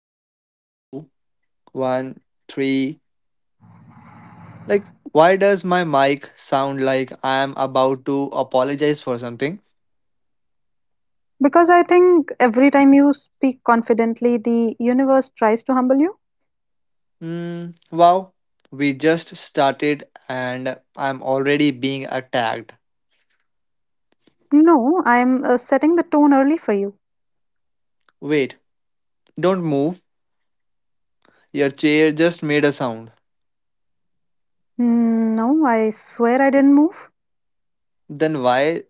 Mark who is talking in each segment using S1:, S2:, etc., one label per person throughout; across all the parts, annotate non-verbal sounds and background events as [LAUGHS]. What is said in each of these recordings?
S1: one, two, one, three. Like, why does my mic sound like I am about to apologize for something?
S2: Because I think every time you speak confidently, the universe tries to humble you.
S1: Hmm. Wow, we just started and I'm already being attacked.
S2: No, I'm setting the tone early for you.
S1: Wait, don't move. Your chair just made a sound.
S2: Mm, no, I swear I didn't move.
S1: Then why?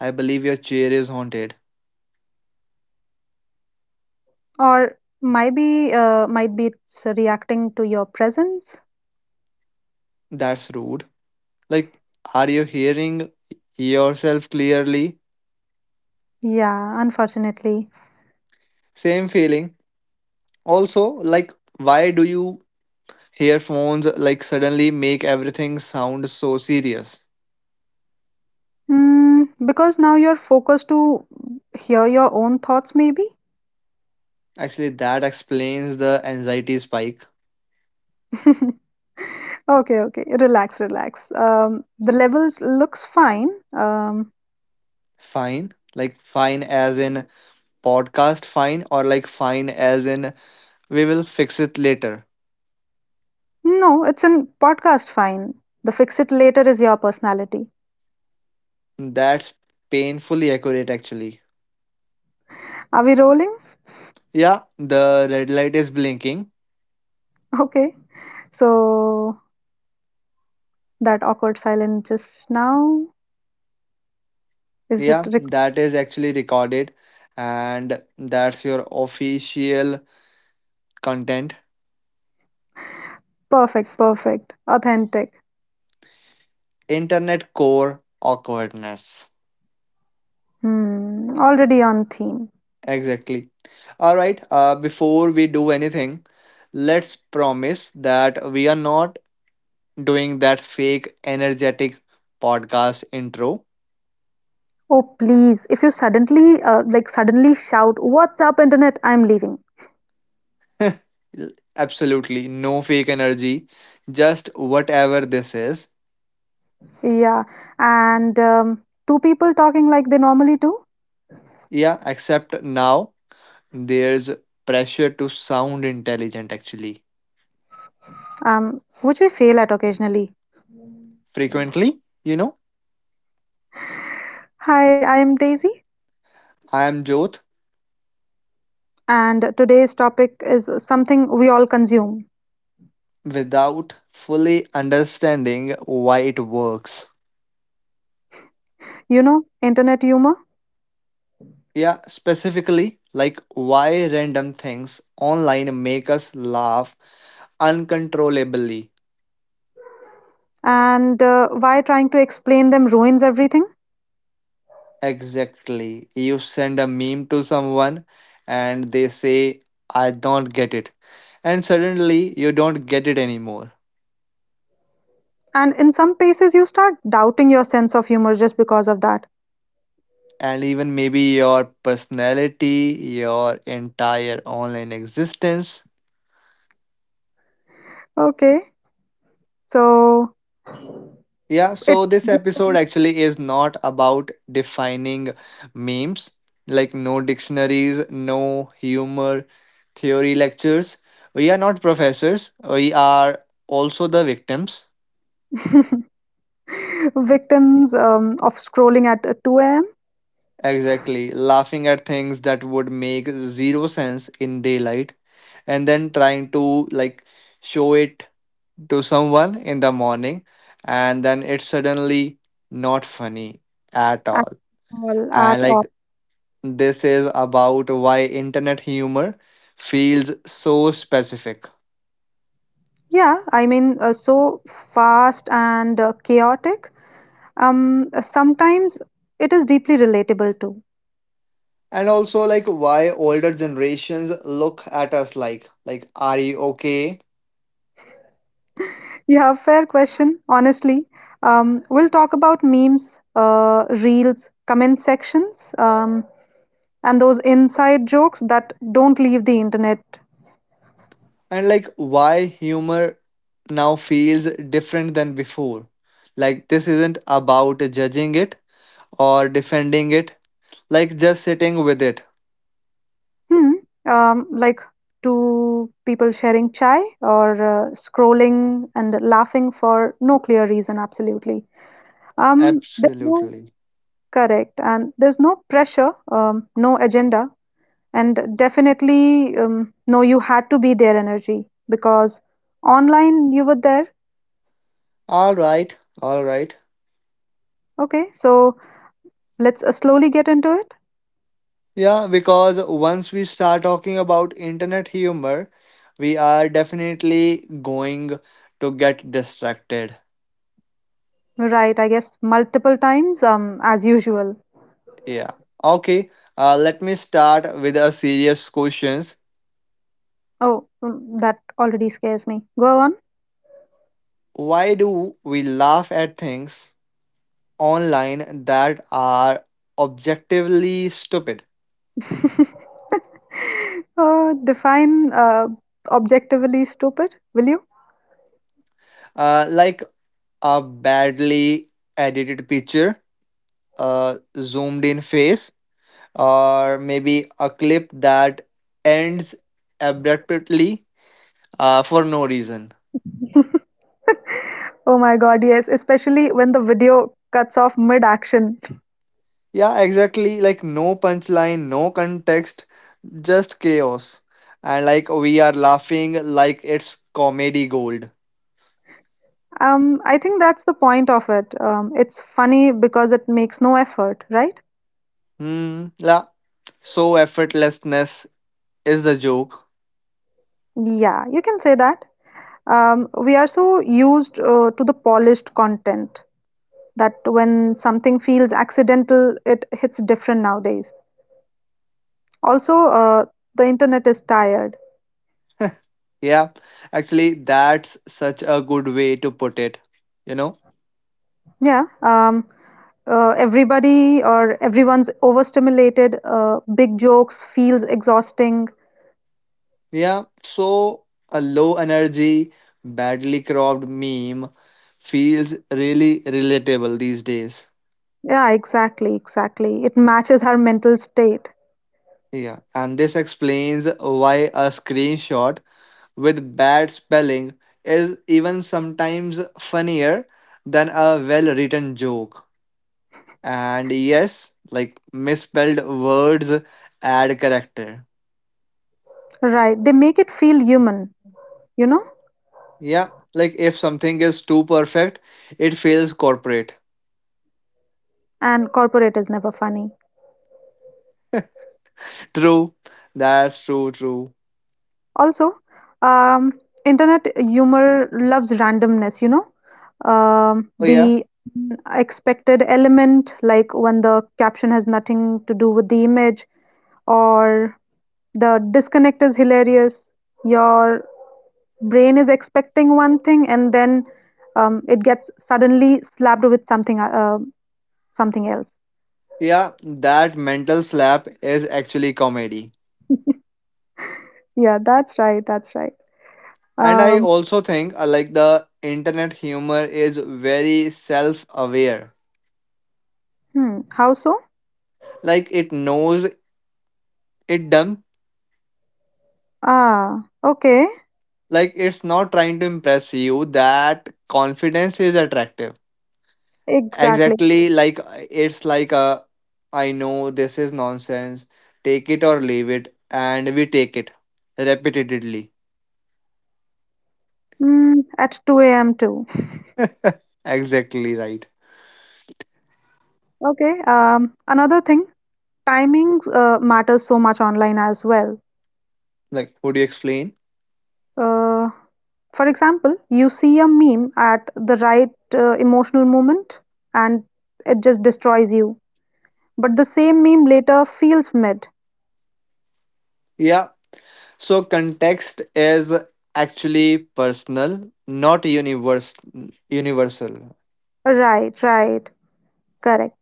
S1: I believe your chair is haunted.
S2: Or maybe, might be it's reacting to your presence.
S1: That's rude. Like, are you hearing yourself clearly?
S2: Yeah, unfortunately.
S1: Same feeling. Also, like, why do you Earphones like suddenly make everything sound so serious.
S2: Mm, because now you're focused to hear your own thoughts, maybe.
S1: Actually, that explains the anxiety spike.
S2: [LAUGHS] Okay, okay. Relax, relax. The levels looks fine. Um,
S1: Fine, like fine as in podcast fine, or like fine as in we will fix it later.
S2: No, it's in podcast fine. The fix it later is your personality.
S1: That's painfully accurate, actually.
S2: Are we rolling?
S1: Yeah, the red light is blinking.
S2: [LAUGHS] Okay. So that awkward silence just now. Is it
S1: Yeah,
S2: rec-
S1: that is actually recorded, and that's your official content.
S2: Perfect, perfect, authentic?
S1: Internet core awkwardness.
S2: Hmm, already on theme.
S1: Exactly. All right. Before we do anything, let's promise that we are not doing that fake energetic podcast intro.
S2: Oh, please, if you suddenly, like, suddenly shout, "What's up, internet?" I'm leaving.
S1: [LAUGHS] L- Absolutely. No fake energy. Just whatever this is.
S2: Yeah, and two people talking like they normally do,
S1: Yeah, except now there's pressure to sound intelligent actually.
S2: which we fail at occasionally.
S1: Frequently,
S2: Hi, I am Daisy.
S1: I am Jyoth
S2: And today's topic is something we all consume.
S1: without fully understanding why it works.
S2: You know, internet humor,
S1: Yeah, specifically, like why random things online make us laugh uncontrollably.
S2: and why trying to explain them ruins everything.
S1: Exactly. You send a meme to someone and they say, I don't get it. And suddenly you don't get it anymore.
S2: And in some cases, you start doubting your sense of humor just because of that.
S1: And even maybe your personality, your entire online existence.
S2: Okay, so
S1: Yeah,
S2: it
S1: so this episode actually is not about defining memes, like no dictionaries, no humor, theory lectures. We are not professors, we are also the victims.
S2: [LAUGHS] victims of scrolling at 2 a.m.
S1: Exactly, laughing at things that would make zero sense in daylight and then trying to like show it to someone in the morning and then it's suddenly not funny at
S2: At
S1: all
S2: all at
S1: and like
S2: all.
S1: This is about why internet humor feels so specific.
S2: Yeah, I mean, so fast and chaotic. Sometimes it is deeply relatable too.
S1: And also like why older generations look at us like are you okay?
S2: Yeah, fair question. Honestly, we'll talk about memes, reels, comment sections, and those inside jokes that don't leave the internet.
S1: And like why humor now feels different than before. Like this isn't about judging it or defending it, like just sitting with it.
S2: Hmm. Like two people sharing chai or scrolling and laughing for no clear reason. Absolutely. There's no
S1: Absolutely.
S2: correct, and there's no pressure, no agenda, and definitely no. You had to be there energy, because online you were there.
S1: All right. All right.
S2: Okay, so let's slowly get into it.
S1: Yeah, because once we start talking about internet humor, we are definitely going to get distracted.
S2: Right, I guess multiple times, as usual.
S1: Yeah. Okay, let me start with a serious questions.
S2: Oh, that already scares me. Go on.
S1: Why do we laugh at things online that are objectively stupid?
S2: [LAUGHS] Define objectively stupid, will you? [LAUGHS]
S1: Like a badly edited picture, a zoomed in face, or maybe a clip that ends abruptly for no reason.
S2: Oh my God, yes, especially when the video cuts off mid-action.
S1: Yeah, exactly. Like no punchline, no context, just chaos. And like we are laughing like it's comedy gold.
S2: I think that's the point of it. It's funny because it makes no effort, right?
S1: Hmm. Yeah. So effortlessness is the joke.
S2: Yeah, you can say that. We are so used to the polished content that when something feels accidental, it hits different nowadays. Also, the internet is tired.
S1: Yeah. Actually, that's such a good way to put it. You know.
S2: Yeah, everybody or everyone's overstimulated. Big jokes feels exhausting.
S1: Yeah, so a low energy, badly cropped meme feels really relatable these days.
S2: Yeah, exactly, exactly. It matches our mental state.
S1: Yeah, and this explains why a screenshot with bad spelling is even sometimes funnier than a well written joke. And yes, like misspelled words add character.
S2: Right. They make it feel human, you know?
S1: Yeah, like if something is too perfect, it feels corporate.
S2: And corporate is never funny.
S1: True, that's true, true.
S2: Also, um, internet humor loves randomness, you know,
S1: Oh, yeah.
S2: the expected element, like when the caption has nothing to do with the image, or the disconnect is hilarious. Your brain is expecting one thing, and then it gets suddenly slapped with something, uh, something else.
S1: Yeah, that mental slap is actually comedy.
S2: Yeah, that's right. That's right.
S1: And I
S2: Um,
S1: also think like the internet humor is very self-aware.
S2: how so?
S1: Like it knows it dumb.
S2: Ah, okay.
S1: Like it's not trying to impress you. That confidence is attractive.
S2: Exactly.
S1: Exactly like it's like a I know this is nonsense. Take it or leave it and we take it repeatedly.
S2: At 2 a.m. too.
S1: [LAUGHS] Exactly right.
S2: Okay. Another thing, timings matters so much online as well.
S1: Like would you explain?
S2: Uh, for example, you see a meme at the right emotional moment and it just destroys you. But the same meme later feels mid.
S1: Yeah, so, context is actually personal, not universal.
S2: Right, right, correct.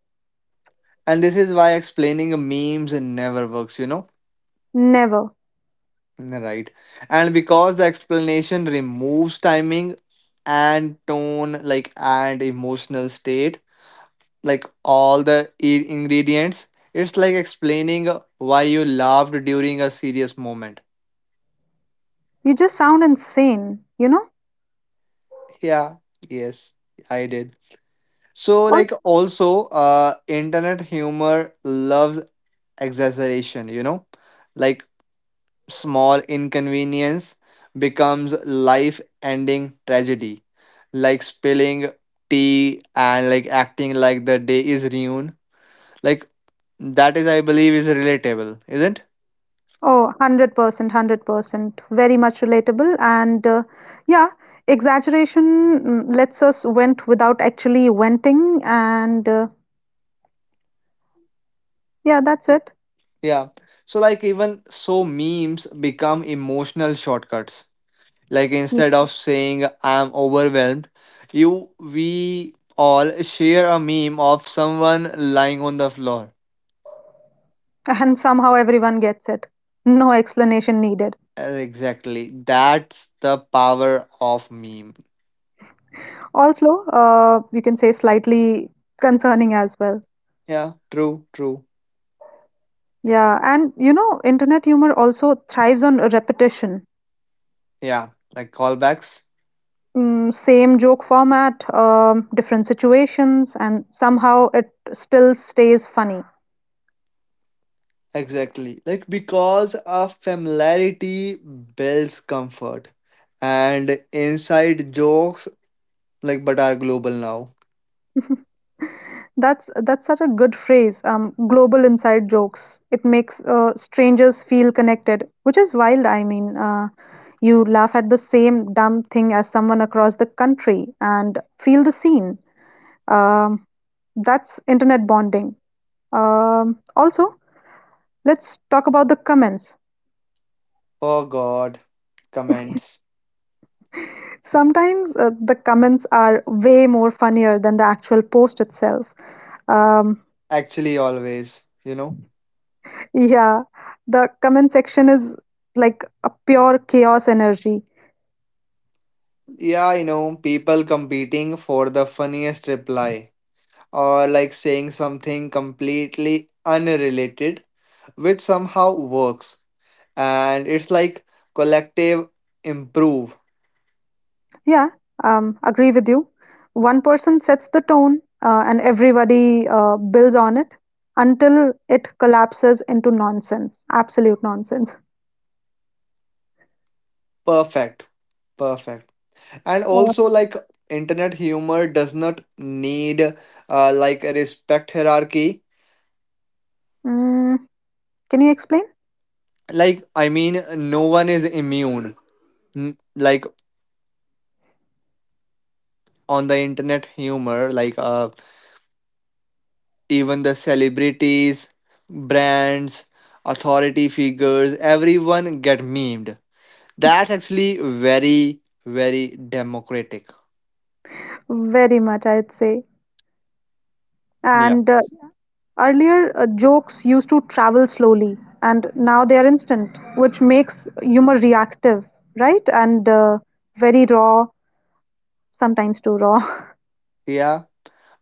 S1: And this is why explaining memes never works, you know?
S2: Never.
S1: Right. And because the explanation removes timing and tone, like, and emotional state, like all the ingredients, it's like explaining why you laughed during a serious moment.
S2: You just sound insane, you know?
S1: Yeah, yes, I did. So like also internet humor loves exaggeration, you know, like small inconvenience becomes life ending tragedy, like spilling tea and like acting like the day is ruined, like that is I believe is relatable isn't.
S2: Oh, 100%, 100%. Very much relatable. And yeah, exaggeration lets us vent without actually venting. And yeah, that's
S1: Y-
S2: it. [LAUGHS]
S1: yeah, so like even so memes become emotional shortcuts. Like instead of saying I'm overwhelmed, you we all share a meme of someone lying on the floor.
S2: Mm. And somehow everyone gets it. No explanation needed.
S1: Exactly. That's the power of meme.
S2: Also, you can say slightly concerning as well.
S1: Yeah, true, true.
S2: Yeah, and you know, internet humor also thrives on repetition.
S1: Yeah, like callbacks.
S2: Same joke format, different situations, and somehow it still stays funny.
S1: Exactly. Like because of familiarity builds comfort. And inside jokes like but are global now.
S2: That's such a good phrase. Global inside jokes. It makes strangers feel connected, which is wild. I mean, you laugh at the same dumb thing as someone across the country and feel the scene. Um, that's internet bonding. Also, let's talk about the comments.
S1: Oh god. Comments.
S2: Sometimes the comments are way more funnier than the actual post itself. Um,
S1: Actually always, you know.
S2: Yeah, the comment section is like a pure chaos energy.
S1: Yeah, people competing for the funniest reply or like saying something completely unrelated, which somehow works. And it's like collective improve.
S2: Yeah, agree with you. One person sets the tone, and everybody builds on it until it collapses into nonsense, absolute nonsense.
S1: Perfect. Perfect. And
S2: Uh,
S1: also, like, internet humor does not need like a respect hierarchy.
S2: mm, can you explain?
S1: Like, I mean, no one is immune. Like, on the internet humor, like, even the celebrities, brands, authority figures, everyone get memed. That's actually very, very democratic.
S2: Very much, I'd say.
S1: Yeah.
S2: And earlier, jokes used to travel slowly, and now they are instant, which makes humor reactive, right? And very raw sometimes too raw. [LAUGHS]
S1: Yeah.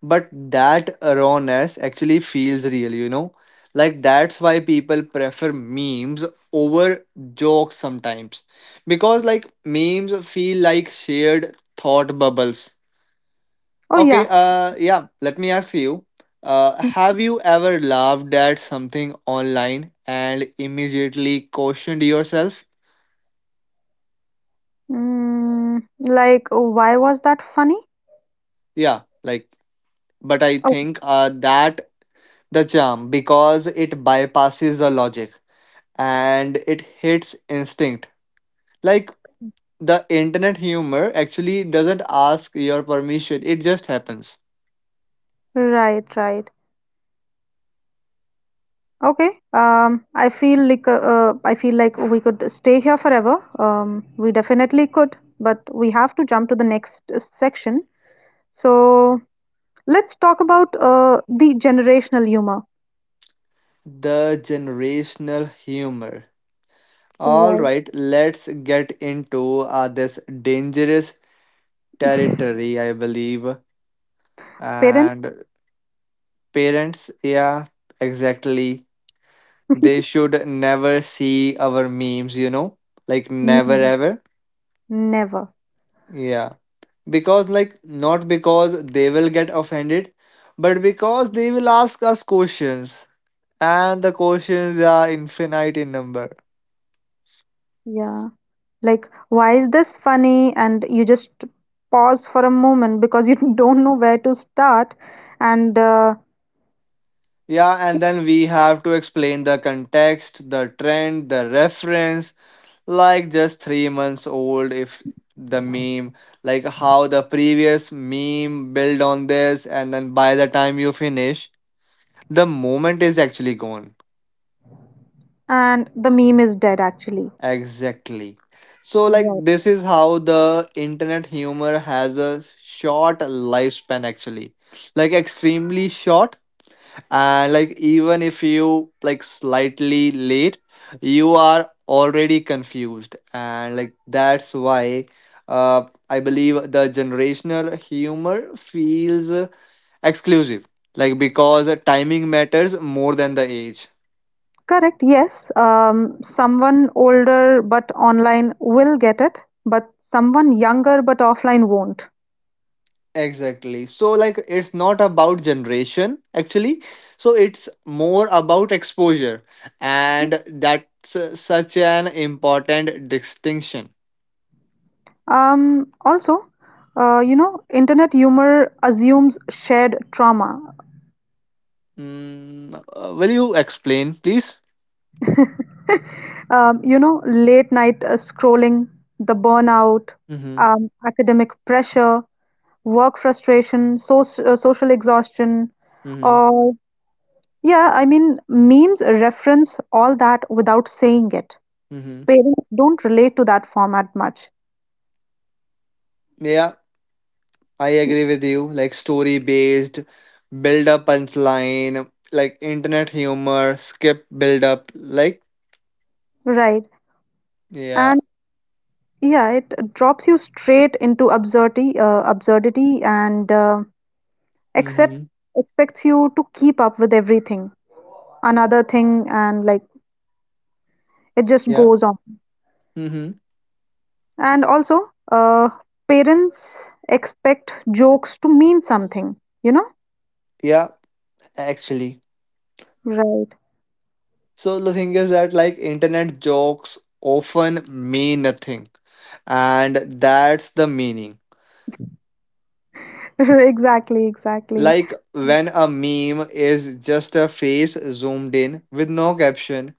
S1: But that rawness actually feels real, you know? Like that's why people prefer memes over jokes sometimes. Because like memes feel like shared thought bubbles.
S2: Oh
S1: Okay,
S2: yeah.
S1: yeah, let me ask you. Have you ever laughed at something online and immediately questioned yourself?
S2: Like why was that funny?
S1: Yeah, like, but I
S2: Oh,
S1: think that the charm because it bypasses the logic and it hits instinct. Like, the internet humor actually doesn't ask your permission, it just happens.
S2: right, right. Okay. I feel like we could stay here forever. We definitely could, but we have to jump to the next section. So let's talk about the generational humor.
S1: The generational humor. All
S2: Right.
S1: right, let's get into this dangerous
S2: [LAUGHS]
S1: territory, I believe.
S2: Parents?
S1: And parents, yeah, exactly.
S2: [LAUGHS]
S1: They should never see our memes, you know? Like, never
S2: Never.
S1: ever.
S2: Never.
S1: Yeah. Because, like, not because they will get offended, but because they will ask us questions. And the questions are infinite in number.
S2: Yeah. Like why is this funny, and you just pause for a moment because you [LAUGHS] don't know where to start, and uh,
S1: Yeah, and then we have to explain the context, the trend, the reference, like just 3 months old if the meme, like how the previous meme build on this, and then by the time you finish the moment is actually gone.
S2: and the meme is dead actually.
S1: Exactly, so like
S2: Right.
S1: this is how the internet humor has a short lifespan actually, like extremely short, and like even if you like slightly late you are already confused, and like that's why uh I believe the generational humor feels exclusive, like because timing matters more than the age.
S2: Correct. Yes, someone older but online will get it, but someone younger but offline won't.
S1: Exactly, so like it's not about generation actually, so it's more about exposure, and that's such an important distinction.
S2: um, Also, you know, internet humor assumes shared trauma.
S1: Mm, will you explain, please?
S2: You know, late night scrolling, the burnout,
S1: Mm-hmm.
S2: academic pressure, work frustration, social exhaustion,
S1: Mm-hmm.
S2: or yeah, I mean, memes reference all that without saying it.
S1: Mm-hmm.
S2: Parents don't relate to that format much.
S1: Yeah, I
S2: You-
S1: agree with you. Like story based, build up punchline, like internet humor, skip build up. Like
S2: right?
S1: yeah.
S2: And yeah, it drops you straight into absurdity, and accept
S1: Mm-hmm.
S2: expects you to keep up with everything. Another thing, and like it just
S1: Yeah.
S2: goes on.
S1: Mm-hmm.
S2: And also, parents expect jokes to mean something, you know?
S1: Yeah. Actually,
S2: Right.
S1: so the thing is that like internet jokes often mean nothing, and that's the meaning.
S2: [LAUGHS] Exactly, exactly.
S1: Like when a meme is just a face zoomed in with no caption,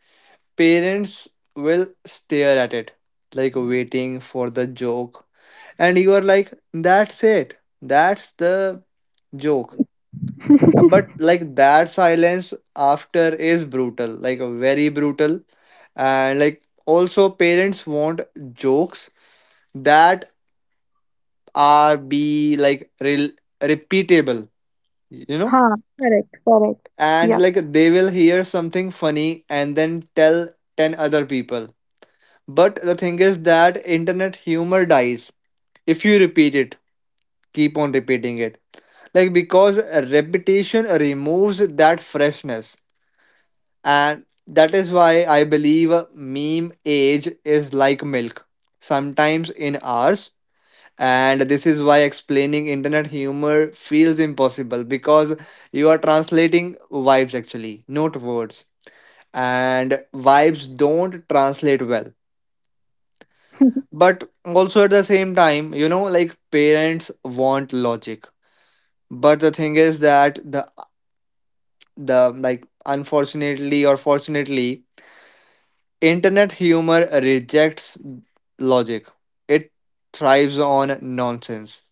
S1: parents will stare at it, like waiting for the joke. And you are like, that's it. That's the joke.
S2: [LAUGHS]
S1: But like that silence after is brutal, like very brutal. And like also parents want jokes that are be like repeatable, you know?
S2: Huh, correct, correct. Yeah.
S1: And like they will hear something funny and then tell 10 other people. But the thing is that internet humor dies if you repeat it, keep on repeating it. Like because repetition removes that freshness, and that is why I believe meme age is like milk, sometimes in hours. And this is why explaining internet humor feels impossible because you are translating vibes actually, not words. And vibes don't translate well,
S2: [LAUGHS]
S1: but also at the same time, you know, like parents want logic, but the thing is that the like unfortunately or fortunately internet humor rejects logic, it thrives on nonsense,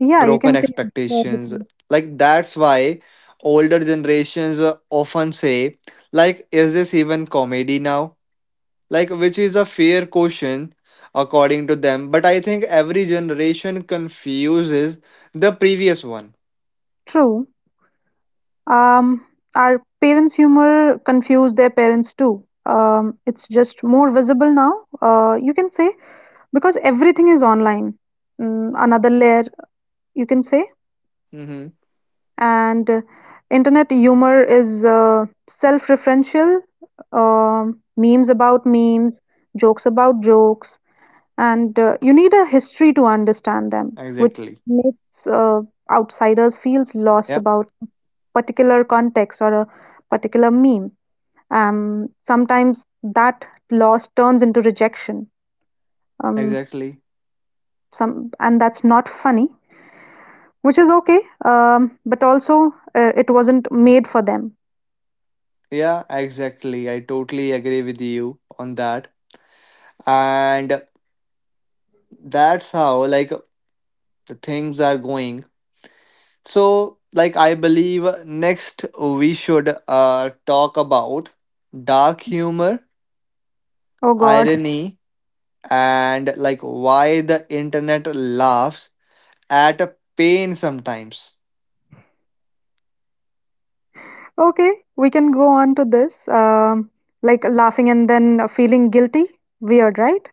S2: Yeah, you
S1: broken
S2: can say
S1: expectations.
S2: everything.
S1: Like that's why older generations often say like is this even comedy now, like which is a fair question according to them, but I think every generation confuses the previous one.
S2: True. Um, our parents' humor confused their parents too. It's just more visible now, you can say, because everything is online. Another layer, you can say.
S1: Mm-hmm.
S2: And internet humor is self-referential, memes about memes, jokes about jokes. And you need a history to understand them, which
S1: Exactly,
S2: makes outsiders feels lost
S1: yeah,
S2: about particular context or a particular meme. Sometimes that loss turns into rejection. Um,
S1: exactly,
S2: some and that's not funny, which is okay. But also it wasn't made for them.
S1: yeah, exactly, I totally agree with you on that, and that's how like the things are going. So like I believe next we should talk about dark humor,
S2: Oh God. [LAUGHS]
S1: irony, and like why the internet laughs at a pain sometimes.
S2: Okay, we can go on to this. Like laughing and then feeling guilty. Weird, right?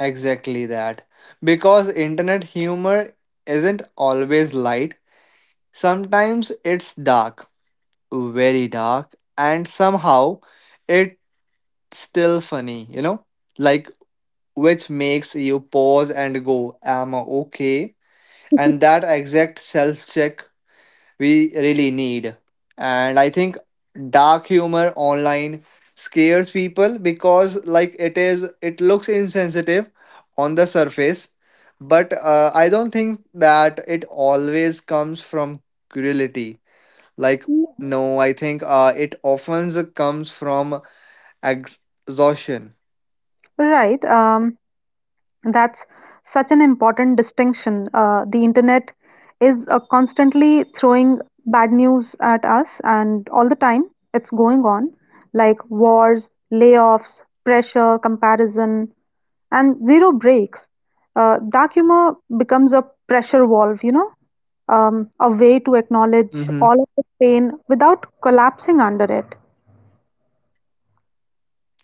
S1: Exactly that, because internet humor isn't always light, sometimes it's dark, very dark, and somehow it's still funny, you know, like which makes you pause and go am I okay, and that exact self check we really need. And I think dark humor online scares people because like it looks insensitive on the surface, but I don't think that it always comes from cruelty. Like
S2: Mm.
S1: no, I think it often comes from ex- exhaustion.
S2: Right. That's such an important distinction. The internet is constantly throwing bad news at us, and all the time it's going on, like wars, layoffs, pressure, comparison, and zero breaks. Dark humor becomes a pressure valve, you know, a way to acknowledge
S1: Mm-hmm.
S2: all of the pain without collapsing under it.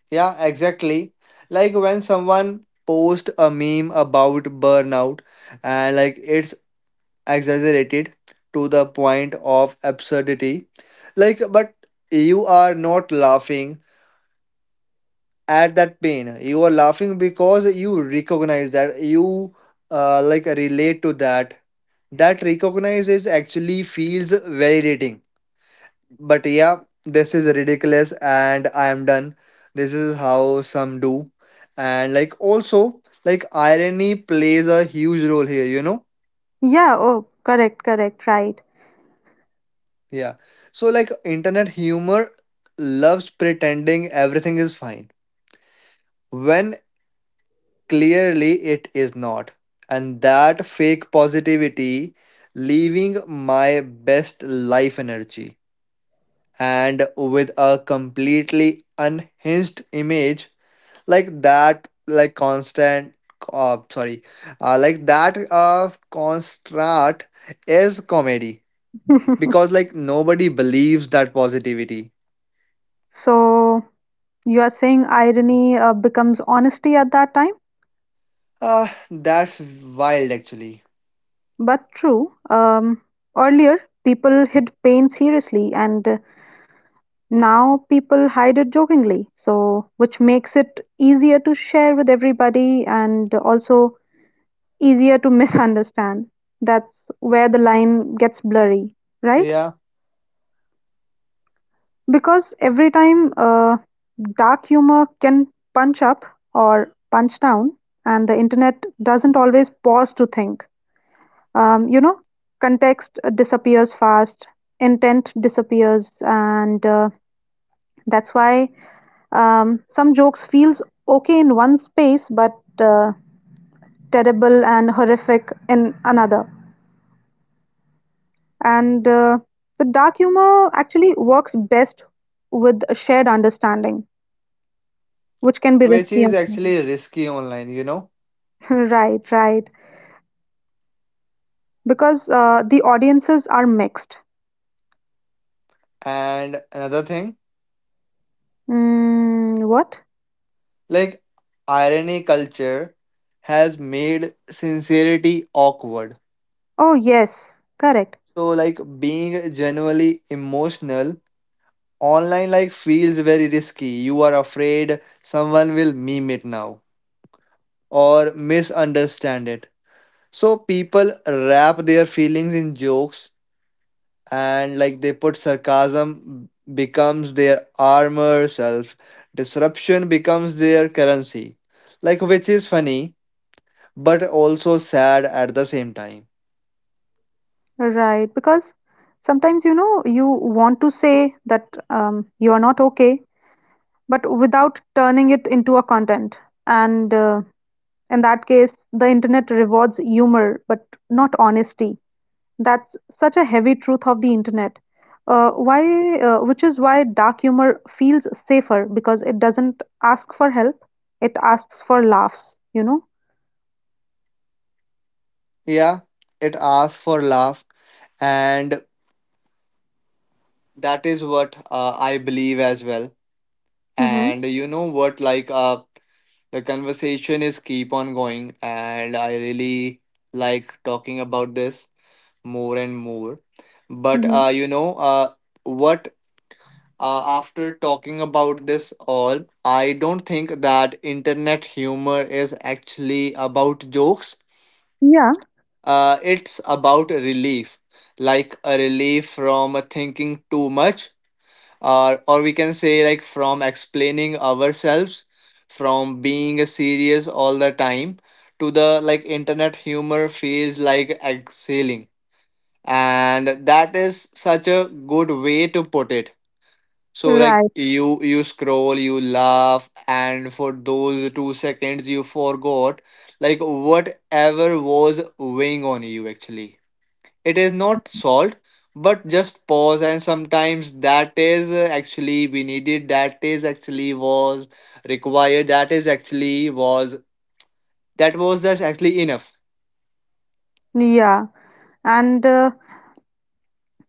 S1: Yeah, exactly. Like when someone post a meme about burnout and like it's exaggerated to the point of absurdity. Like but you are not laughing at that pain. You are laughing because you recognize that you like relate to that. That recognize is actually feels validating. But yeah, this is ridiculous and I am done. This is how some do. And like also like irony plays a huge role here, you know?
S2: Yeah, oh, correct, correct, right. [LAUGHS]
S1: Yeah. So like internet humor loves pretending everything is fine when clearly it is not. And that fake positivity, leaving my best life energy, and with a completely unhinged image, like that like constant sorry, like that constant is comedy because like nobody believes that positivity.
S2: So you are saying irony becomes honesty at that time,
S1: That's wild actually.
S2: but true. Earlier, people hid pain seriously, and now people hide it jokingly. So, which makes it easier to share with everybody and also easier to [LAUGHS] misunderstand. That's where the line gets blurry, right?
S1: Yeah,
S2: Because every time dark humor can punch up or punch down, and the internet doesn't always pause to think. You know, context disappears fast, intent disappears, and that's why some jokes feels okay in one space, but uh, terrible and horrific in another. And the dark humor actually works best with a shared understanding, which can be
S1: which
S2: risky.
S1: is actually risky online, you know.
S2: [LAUGHS] Right, right. Because the audiences are mixed.
S1: And another thing,
S2: Mm, what?
S1: like irony culture has made sincerity awkward.
S2: Oh, yes, correct.
S1: So like being genuinely emotional online like feels very risky. You are afraid someone will meme it now or misunderstand it. So people wrap their feelings in jokes and like they put sarcasm becomes their armor self. Disruption becomes their currency. Like which is funny but also sad at the same time.
S2: Right, because sometimes you know you want to say that you are not okay, but without turning it into a content. And in that case, the internet rewards humor but not honesty. That's such a heavy truth of the internet. Which is why dark humor feels safer because it doesn't ask for help; it asks for laughs. You know.
S1: Yeah, it asks for laugh, and that is what I believe as well.
S2: Mm-hmm.
S1: And you know what, like the conversation is keep on going and I really like talking about this more and more, but
S2: Mm-hmm.
S1: you know what, after talking about this all I don't think that internet humor is actually about jokes.
S2: Yeah.
S1: It's about relief, like a relief from thinking too much, or we can say like from explaining ourselves, from being serious all the time. To the like internet humor feels like exhaling, and that is such a good way to put it. So like
S2: Right.
S1: you scroll, you laugh, and for those 2 seconds you forgot like whatever was weighing on you actually. It is not solved, but just pause, and sometimes that is actually we needed, that is actually was required, that is actually was, that was just actually enough.
S2: Yeah. And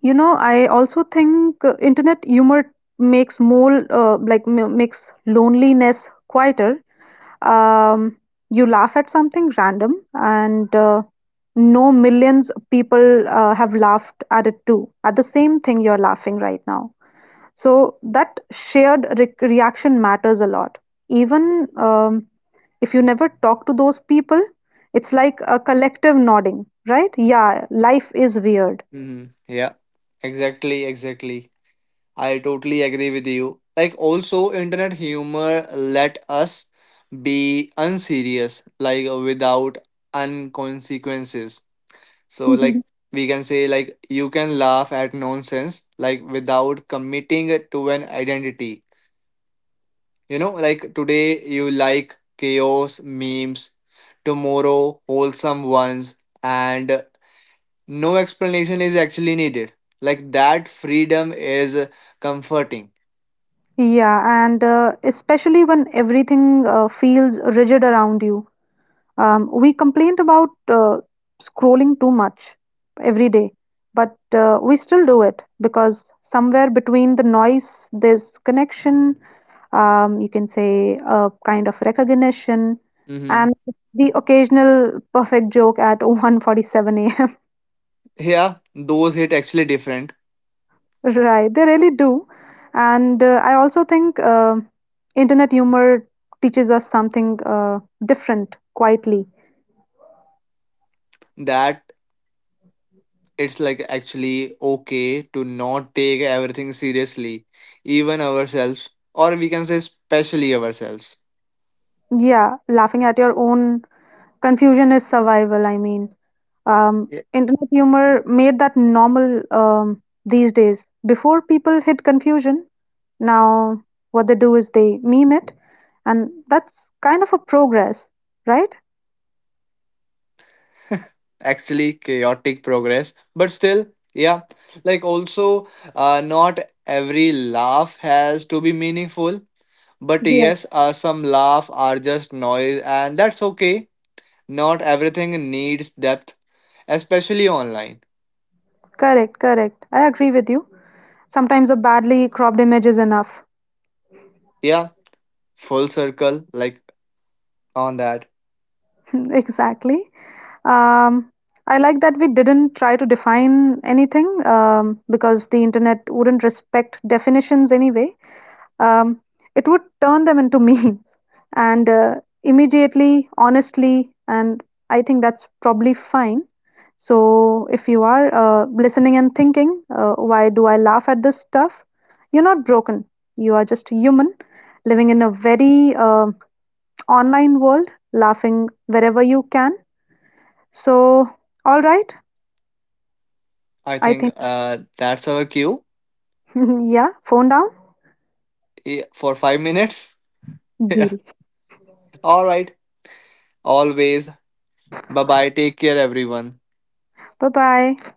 S2: you know, I also think internet humor makes more like m makes loneliness quieter. Um, you laugh at something random, and no, millions of people have laughed at it too, at the same thing you're laughing right now. So that shared re reaction matters a lot. Even if you never talk to those people, it's like a collective nodding, right? Yeah, life is weird.
S1: Hmm, yeah, exactly, exactly, I totally agree with you. Like also internet humor let us be unserious, like without unconsequences. So like
S2: [LAUGHS]
S1: we can say like you can laugh at nonsense like without committing it to an identity. You know, like today you like chaos memes, tomorrow wholesome ones, and no explanation is actually needed. Like that freedom is comforting.
S2: Yeah, and especially when everything feels rigid around you. We complained about scrolling too much every day, but we still do it because somewhere between the noise, there's connection, you can say a kind of recognition,
S1: Hmm.
S2: and the occasional perfect joke at [LAUGHS] 1:47 a.m.
S1: Yeah, those hit actually different.
S2: Right, they really do. And I also think internet humor teaches us something different quietly.
S1: That it's like actually okay to not take everything seriously, even ourselves, or we can say, especially ourselves.
S2: Yeah, laughing at your own confusion is survival, I mean.
S1: Yeah.
S2: Internet humor made that normal these days. Before people hid confusion, now what they do is they meme it, and that's kind of a progress, right?
S1: Actually, chaotic progress, but still, yeah, like also, not every laugh has to be meaningful, but
S2: Yeah,
S1: yes, some laugh are just noise, and that's okay. Not everything needs depth, especially online.
S2: correct, correct. I agree with you. Sometimes a badly cropped image is enough.
S1: Yeah, full circle, like on that.
S2: [LAUGHS] Exactly. Um, I like that we didn't try to define anything because the internet wouldn't respect definitions anyway. Um, it would turn them into [LAUGHS] memes and immediately, honestly, and I think that's probably fine. So, if you are listening and thinking, why do I laugh at this stuff? You're not broken. You are just human living in a very online world, laughing wherever you can. So, all right,
S1: I
S2: I
S1: think
S2: think,
S1: that's our cue.
S2: [LAUGHS] yeah, phone down,
S1: Yeah, for 5 minutes. [LAUGHS] Yeah.
S2: deal.
S1: All right. Always. Bye bye. Take care, everyone.
S2: Bye bye.